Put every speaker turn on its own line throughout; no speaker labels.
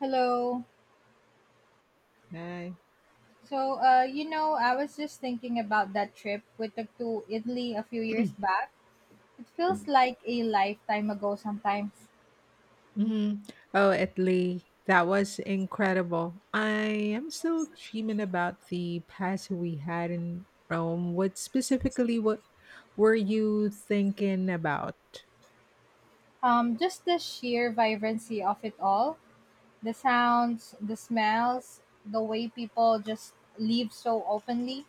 Hello.
Bye.
So, I was just thinking about that trip we took to Italy a few years back. It feels like a lifetime ago sometimes.
Hmm. Oh, Italy, that was incredible. I am still dreaming about the past we had in Rome. What specifically what were you thinking about?
Just the sheer vibrancy of it all, the sounds, the smells, the way people just live so openly.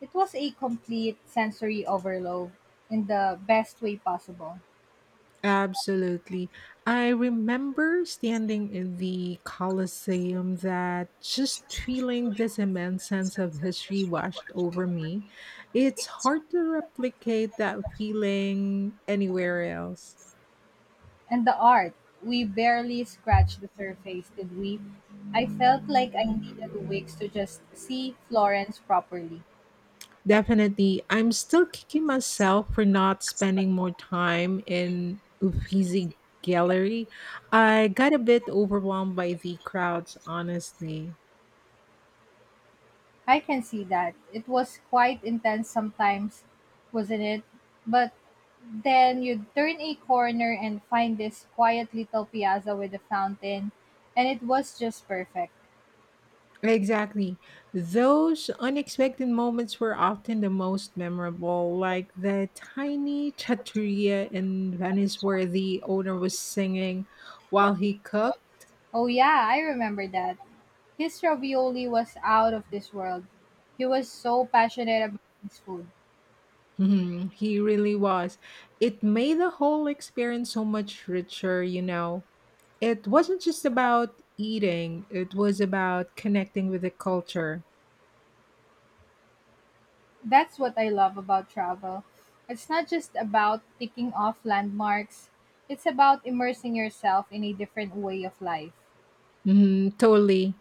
It was a complete sensory overload in the best way possible.
Absolutely. I remember standing in the Colosseum that just feeling this immense sense of history washed over me. It's hard to replicate that feeling anywhere else.
And the art, we barely scratched the surface, did we? I felt like I needed weeks to just see Florence properly.
Definitely. I'm still kicking myself for not spending more time in Uffizi Gallery. I got a bit overwhelmed by the crowds, honestly.
I can see that. It was quite intense sometimes, wasn't it? But then you'd turn a corner and find this quiet little piazza with a fountain, and it was just perfect.
Exactly. Those unexpected moments were often the most memorable, like the tiny trattoria in Venice where the owner was singing while he cooked.
Oh, yeah, I remember that. His ravioli was out of this world. He was so passionate about his food.
Mhm, he really was. It made the whole experience so much richer. It wasn't just about eating, it was about connecting with the culture.
That's what I love about travel. It's not just about ticking off landmarks, it's about immersing yourself in a different way of life.
Mhm, totally.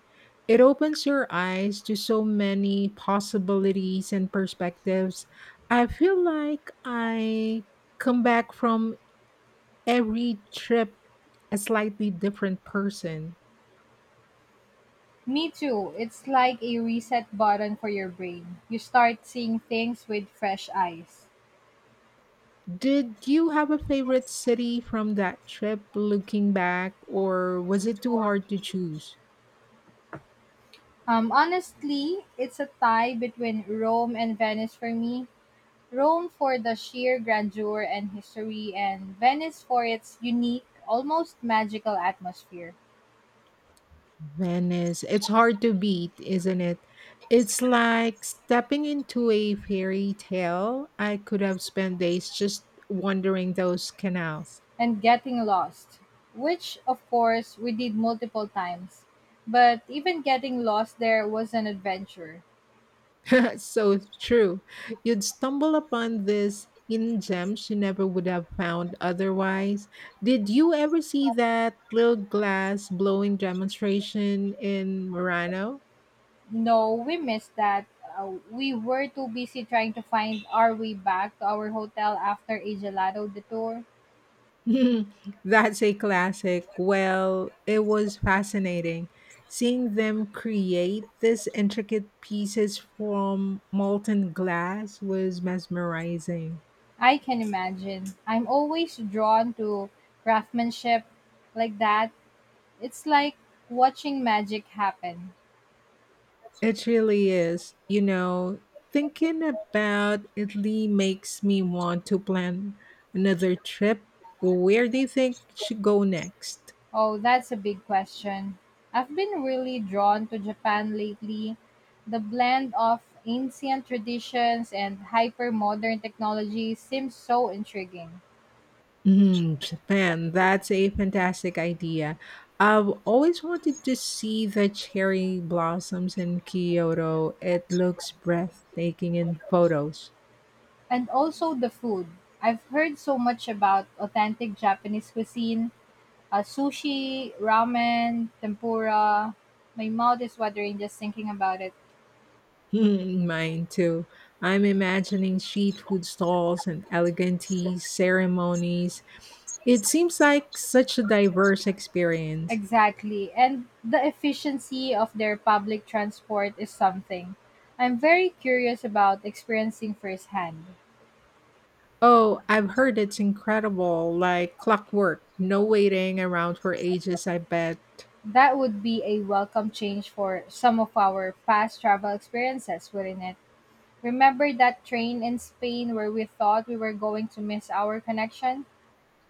It opens your eyes to so many possibilities and perspectives. I feel like I come back from every trip a slightly different person.
Me too. It's like a reset button for your brain. You start seeing things with fresh eyes.
Did you have a favorite city from that trip looking back, or was it too hard to choose?
Honestly, it's a tie between Rome and Venice for me. Rome for the sheer grandeur and history, and Venice for its unique, almost magical atmosphere.
Venice. It's hard to beat, isn't it? It's like stepping into a fairy tale. I could have spent days just wandering those canals.
And getting lost, which of course we did multiple times. But even getting lost there was an adventure.
So true. You'd stumble upon these hidden gems you never would have found otherwise. Did you ever see that little glass blowing demonstration in Murano?
No, we missed that. We were too busy trying to find our way back to our hotel after a gelato detour.
That's a classic. Well, it was fascinating seeing them create these intricate pieces from molten glass was mesmerizing.
I can imagine. I'm always drawn to craftsmanship like that. It's like watching magic happen.
It really is. You know, thinking about Italy makes me want to plan another trip. Where do you think should go next?
Oh, that's a big question. I've been really drawn to Japan lately. The blend of ancient traditions and hyper modern technology seems so intriguing.
Mm, Japan, that's a fantastic idea. I've always wanted to see the cherry blossoms in Kyoto. It looks breathtaking in photos.
And also the food. I've heard so much about authentic Japanese cuisine sushi, ramen, tempura. My mouth is watering just thinking about it.
Hmm, mine too. I'm imagining street food stalls and elegant tea ceremonies. It seems like such a diverse experience.
Exactly. And the efficiency of their public transport is something I'm very curious about experiencing firsthand.
Oh, I've heard it's incredible, like clockwork. No waiting around for ages, I bet.
That would be a welcome change for some of our past travel experiences, wouldn't it? Remember that train in Spain where we thought we were going to miss our connection?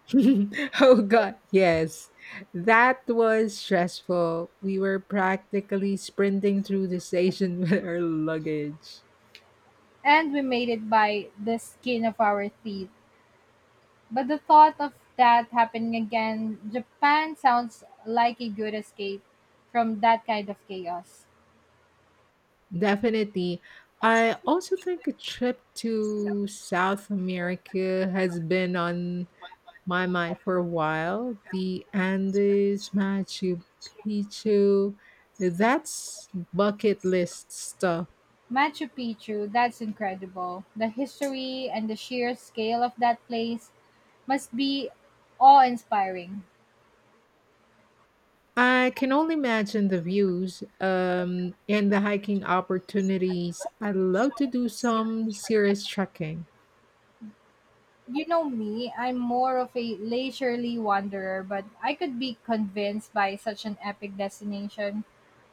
Oh god, yes. That was stressful. We were practically sprinting through the station with our luggage.
And we made it by the skin of our teeth. But the thought of that happening again, Japan sounds like a good escape from that kind of chaos.
Definitely. I also think a trip to South America has been on my mind for a while. The Andes, Machu Picchu, that's bucket list stuff.
Machu Picchu, that's incredible. The history and the sheer scale of that place must be awe inspiring.
I can only imagine the views and the hiking opportunities. I'd love to do some serious trekking.
You know me, I'm more of a leisurely wanderer, but I could be convinced by such an epic destination.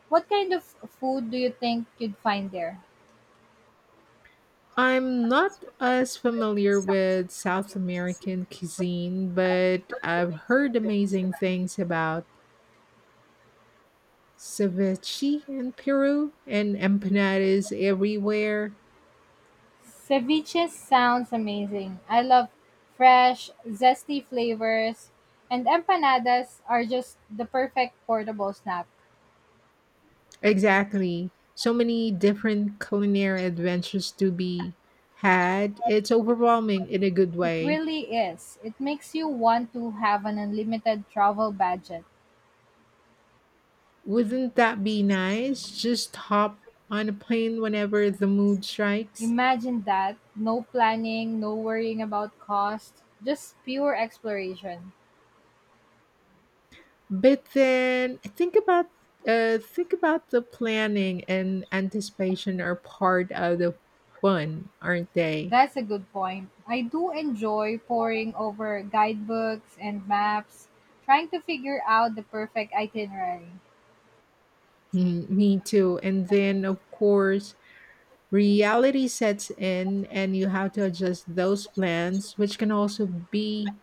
What kind of food do you think you'd find there?
I'm not as familiar with South American cuisine, but I've heard amazing things about ceviche in Peru and empanadas everywhere.
Ceviche sounds amazing. I love fresh, zesty flavors, and empanadas are just the perfect portable snack.
Exactly. So many different culinary adventures to be had. It's overwhelming in a good
It
way.
really is. It makes you want to have an unlimited travel budget.
Wouldn't that be nice? Just hop on a plane whenever the mood strikes.
Imagine that. No planning, no worrying about cost, just pure exploration.
But then think about the planning and anticipation are part of the fun, aren't they?
That's a good point. I do enjoy poring over guidebooks and maps, trying to figure out the perfect itinerary.
Mm, me too. And then of course reality sets in and you have to adjust those plans, which can also be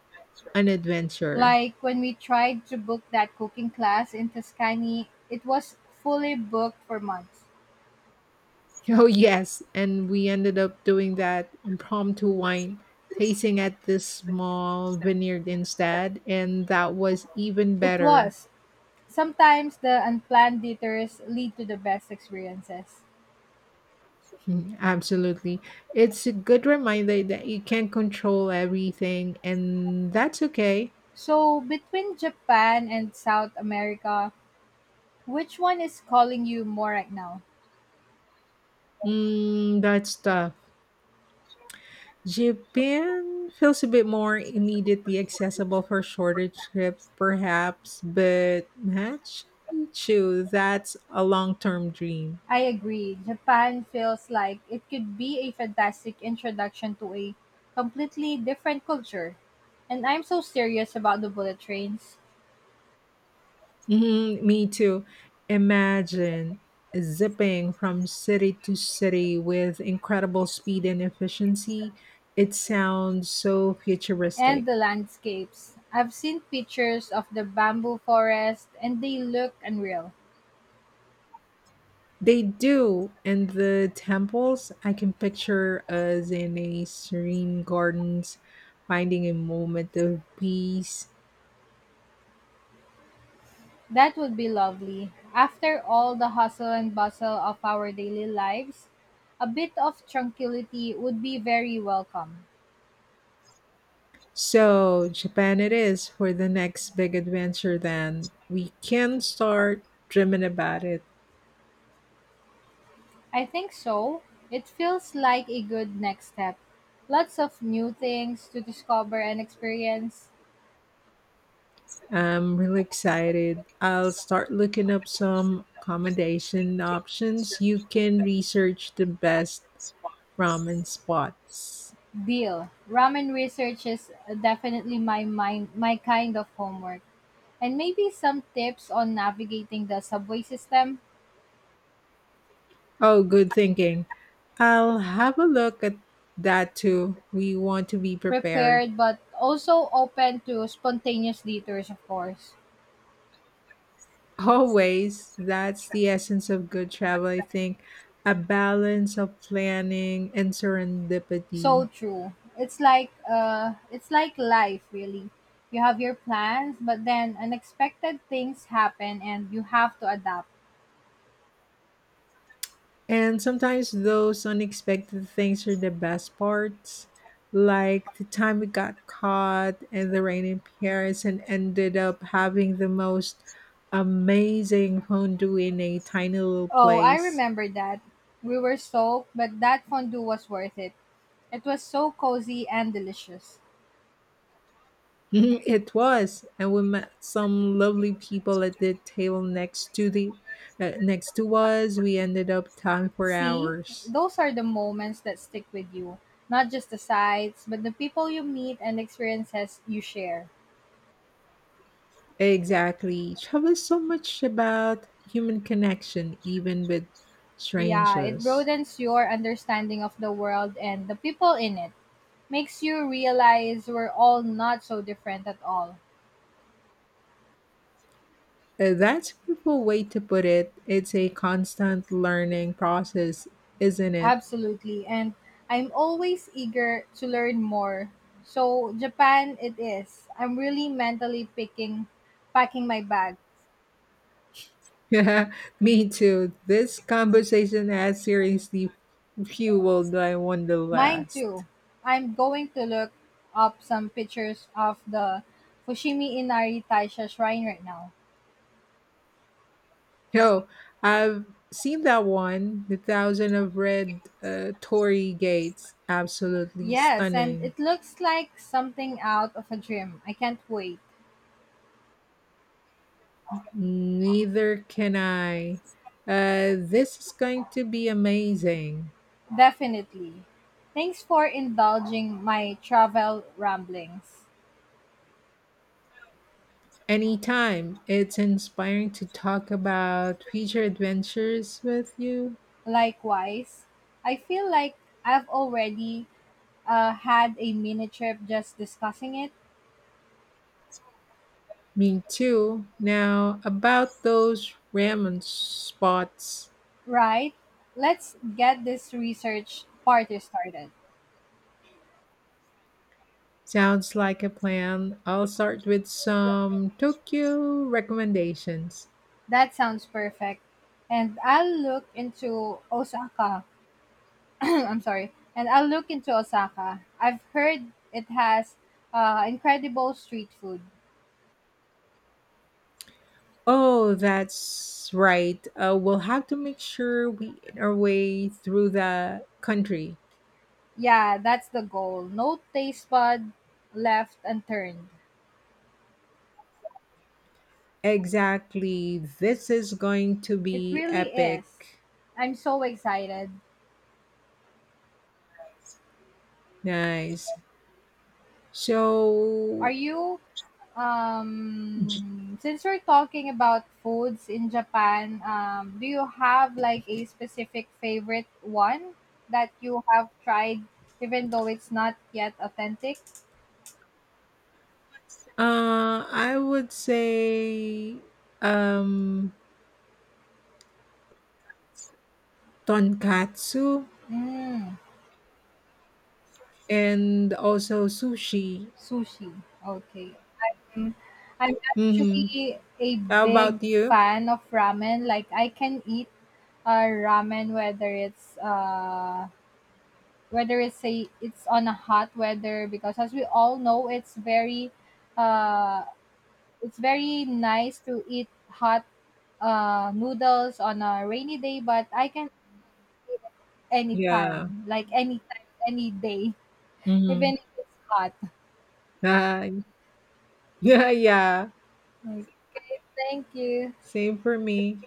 an adventure.
Like when we tried to book that cooking class in Tuscany, it was fully booked for months.
Oh, yes. And we ended up doing that impromptu wine tasting at this small vineyard instead. And that was even
It
better.
was. Sometimes the unplanned detours lead to the best experiences.
Hmm, absolutely. It's a good reminder that you can't control everything, and that's okay.
So, between Japan and South America, which one is calling you more right now?
Mm, that's tough. Japan feels a bit more immediately accessible for shorter trip, perhaps, but Machu Picchu, that's a long term dream.
I agree. Japan feels like it could be a fantastic introduction to a completely different culture. And I'm so serious about the bullet trains
Mhm, me too. Imagine zipping from city to city with incredible speed and efficiency. It sounds so
and
futuristic.
the landscapes. I've seen pictures of the bamboo forest and they look unreal.
They do, and the temples I can picture us in a serene gardens, finding a moment of peace.
That would be lovely. After all the hustle and bustle of our daily lives, a bit of tranquility would be very welcome.
So, Japan it is for the next big adventure, then. We can start dreaming about it.
I think so. It feels like a good next step. Lots of new things to discover and experience.
I'm really excited. I'll start looking up some accommodation options. You can research the best ramen spots.
Deal. Ramen research is definitely my mind, my kind of homework. And maybe some tips on navigating the subway system.
Oh, good thinking. I'll have a look at that too. We want to be prepared.
Prepared but also open to spontaneous detours, of course.
Always. That's the essence of good travel, I think. A balance of planning and
So
serendipity.
true. It's like life really. You have your plans, but then unexpected things happen and you have to adapt.
And sometimes those unexpected things are the best parts, like the time we got caught in the rain in Paris and ended up having the most amazing fondue in a tiny little
Oh, I
place.
remember that. We were soaked, but that fondue was worth it. It was so cozy and delicious.
It was, and we met some lovely people at the table next to the next to us. We ended up talking for
See,
hours.
those are the moments that stick with you. Not just the sights, but the people you meet and experiences you share.
Exactly. Travel is so much about human connection, even with
Yeah, it
strangers.
broadens your understanding of the world and the people in it. Makes you realize we're all not so different at all.
That's a beautiful way to put it. It's a constant learning process, isn't it?
Absolutely. And I'm always eager to learn more. So Japan it is. I'm really mentally picking packing my bag.
Yeah, me too. This conversation has seriously fueled my
Mine too.
wanderlust.
I'm going to look up some pictures of the Fushimi Inari Taisha shrine right now.
Yo, I've seen that one, the Thousand of Red Tory Gates. Absolutely
Yes, and
stunning.
it looks like something out of a dream. I can't wait.
Neither can I. This is going to be amazing.
Definitely. Thanks for indulging my travel ramblings.
Anytime. It's inspiring to talk about future adventures with you.
Likewise, I feel like I've already had a mini trip just discussing it.
Me too. Now, about those ramen spots.
Right? Let's get this research party started.
Sounds like a plan. I'll start with some Tokyo recommendations.
That sounds perfect. And I'll look into Osaka. I'm sorry. And I'll look into Osaka. I've heard it has incredible street food.
Oh, that's right. We'll have to make sure we eat our way through the country.
Yeah, that's the goal. No taste bud left unturned.
Exactly. This is going to
It
be
really is.
epic.
I'm so excited.
Nice.
Are
So,
you
j-
um since we're talking about foods in Japan, do you have like a specific favorite one that you have tried even though it's not yet authentic?
I would say um, tonkatsu
Mm,
and also sushi.
sushi. Okay. Mm, I'm
Mm-hmm.
actually a
How
big
about you?
fan of ramen. Like I can eat ramen whether it's on a hot weather, because as we all know it's very uh it's very nice to eat hot noodles on a rainy day, but I can eat it
Yeah.
anytime, like anytime any day
Mm-hmm.
even if it's hot.
Yeah. Yeah.
Like, thank you.
Same for me.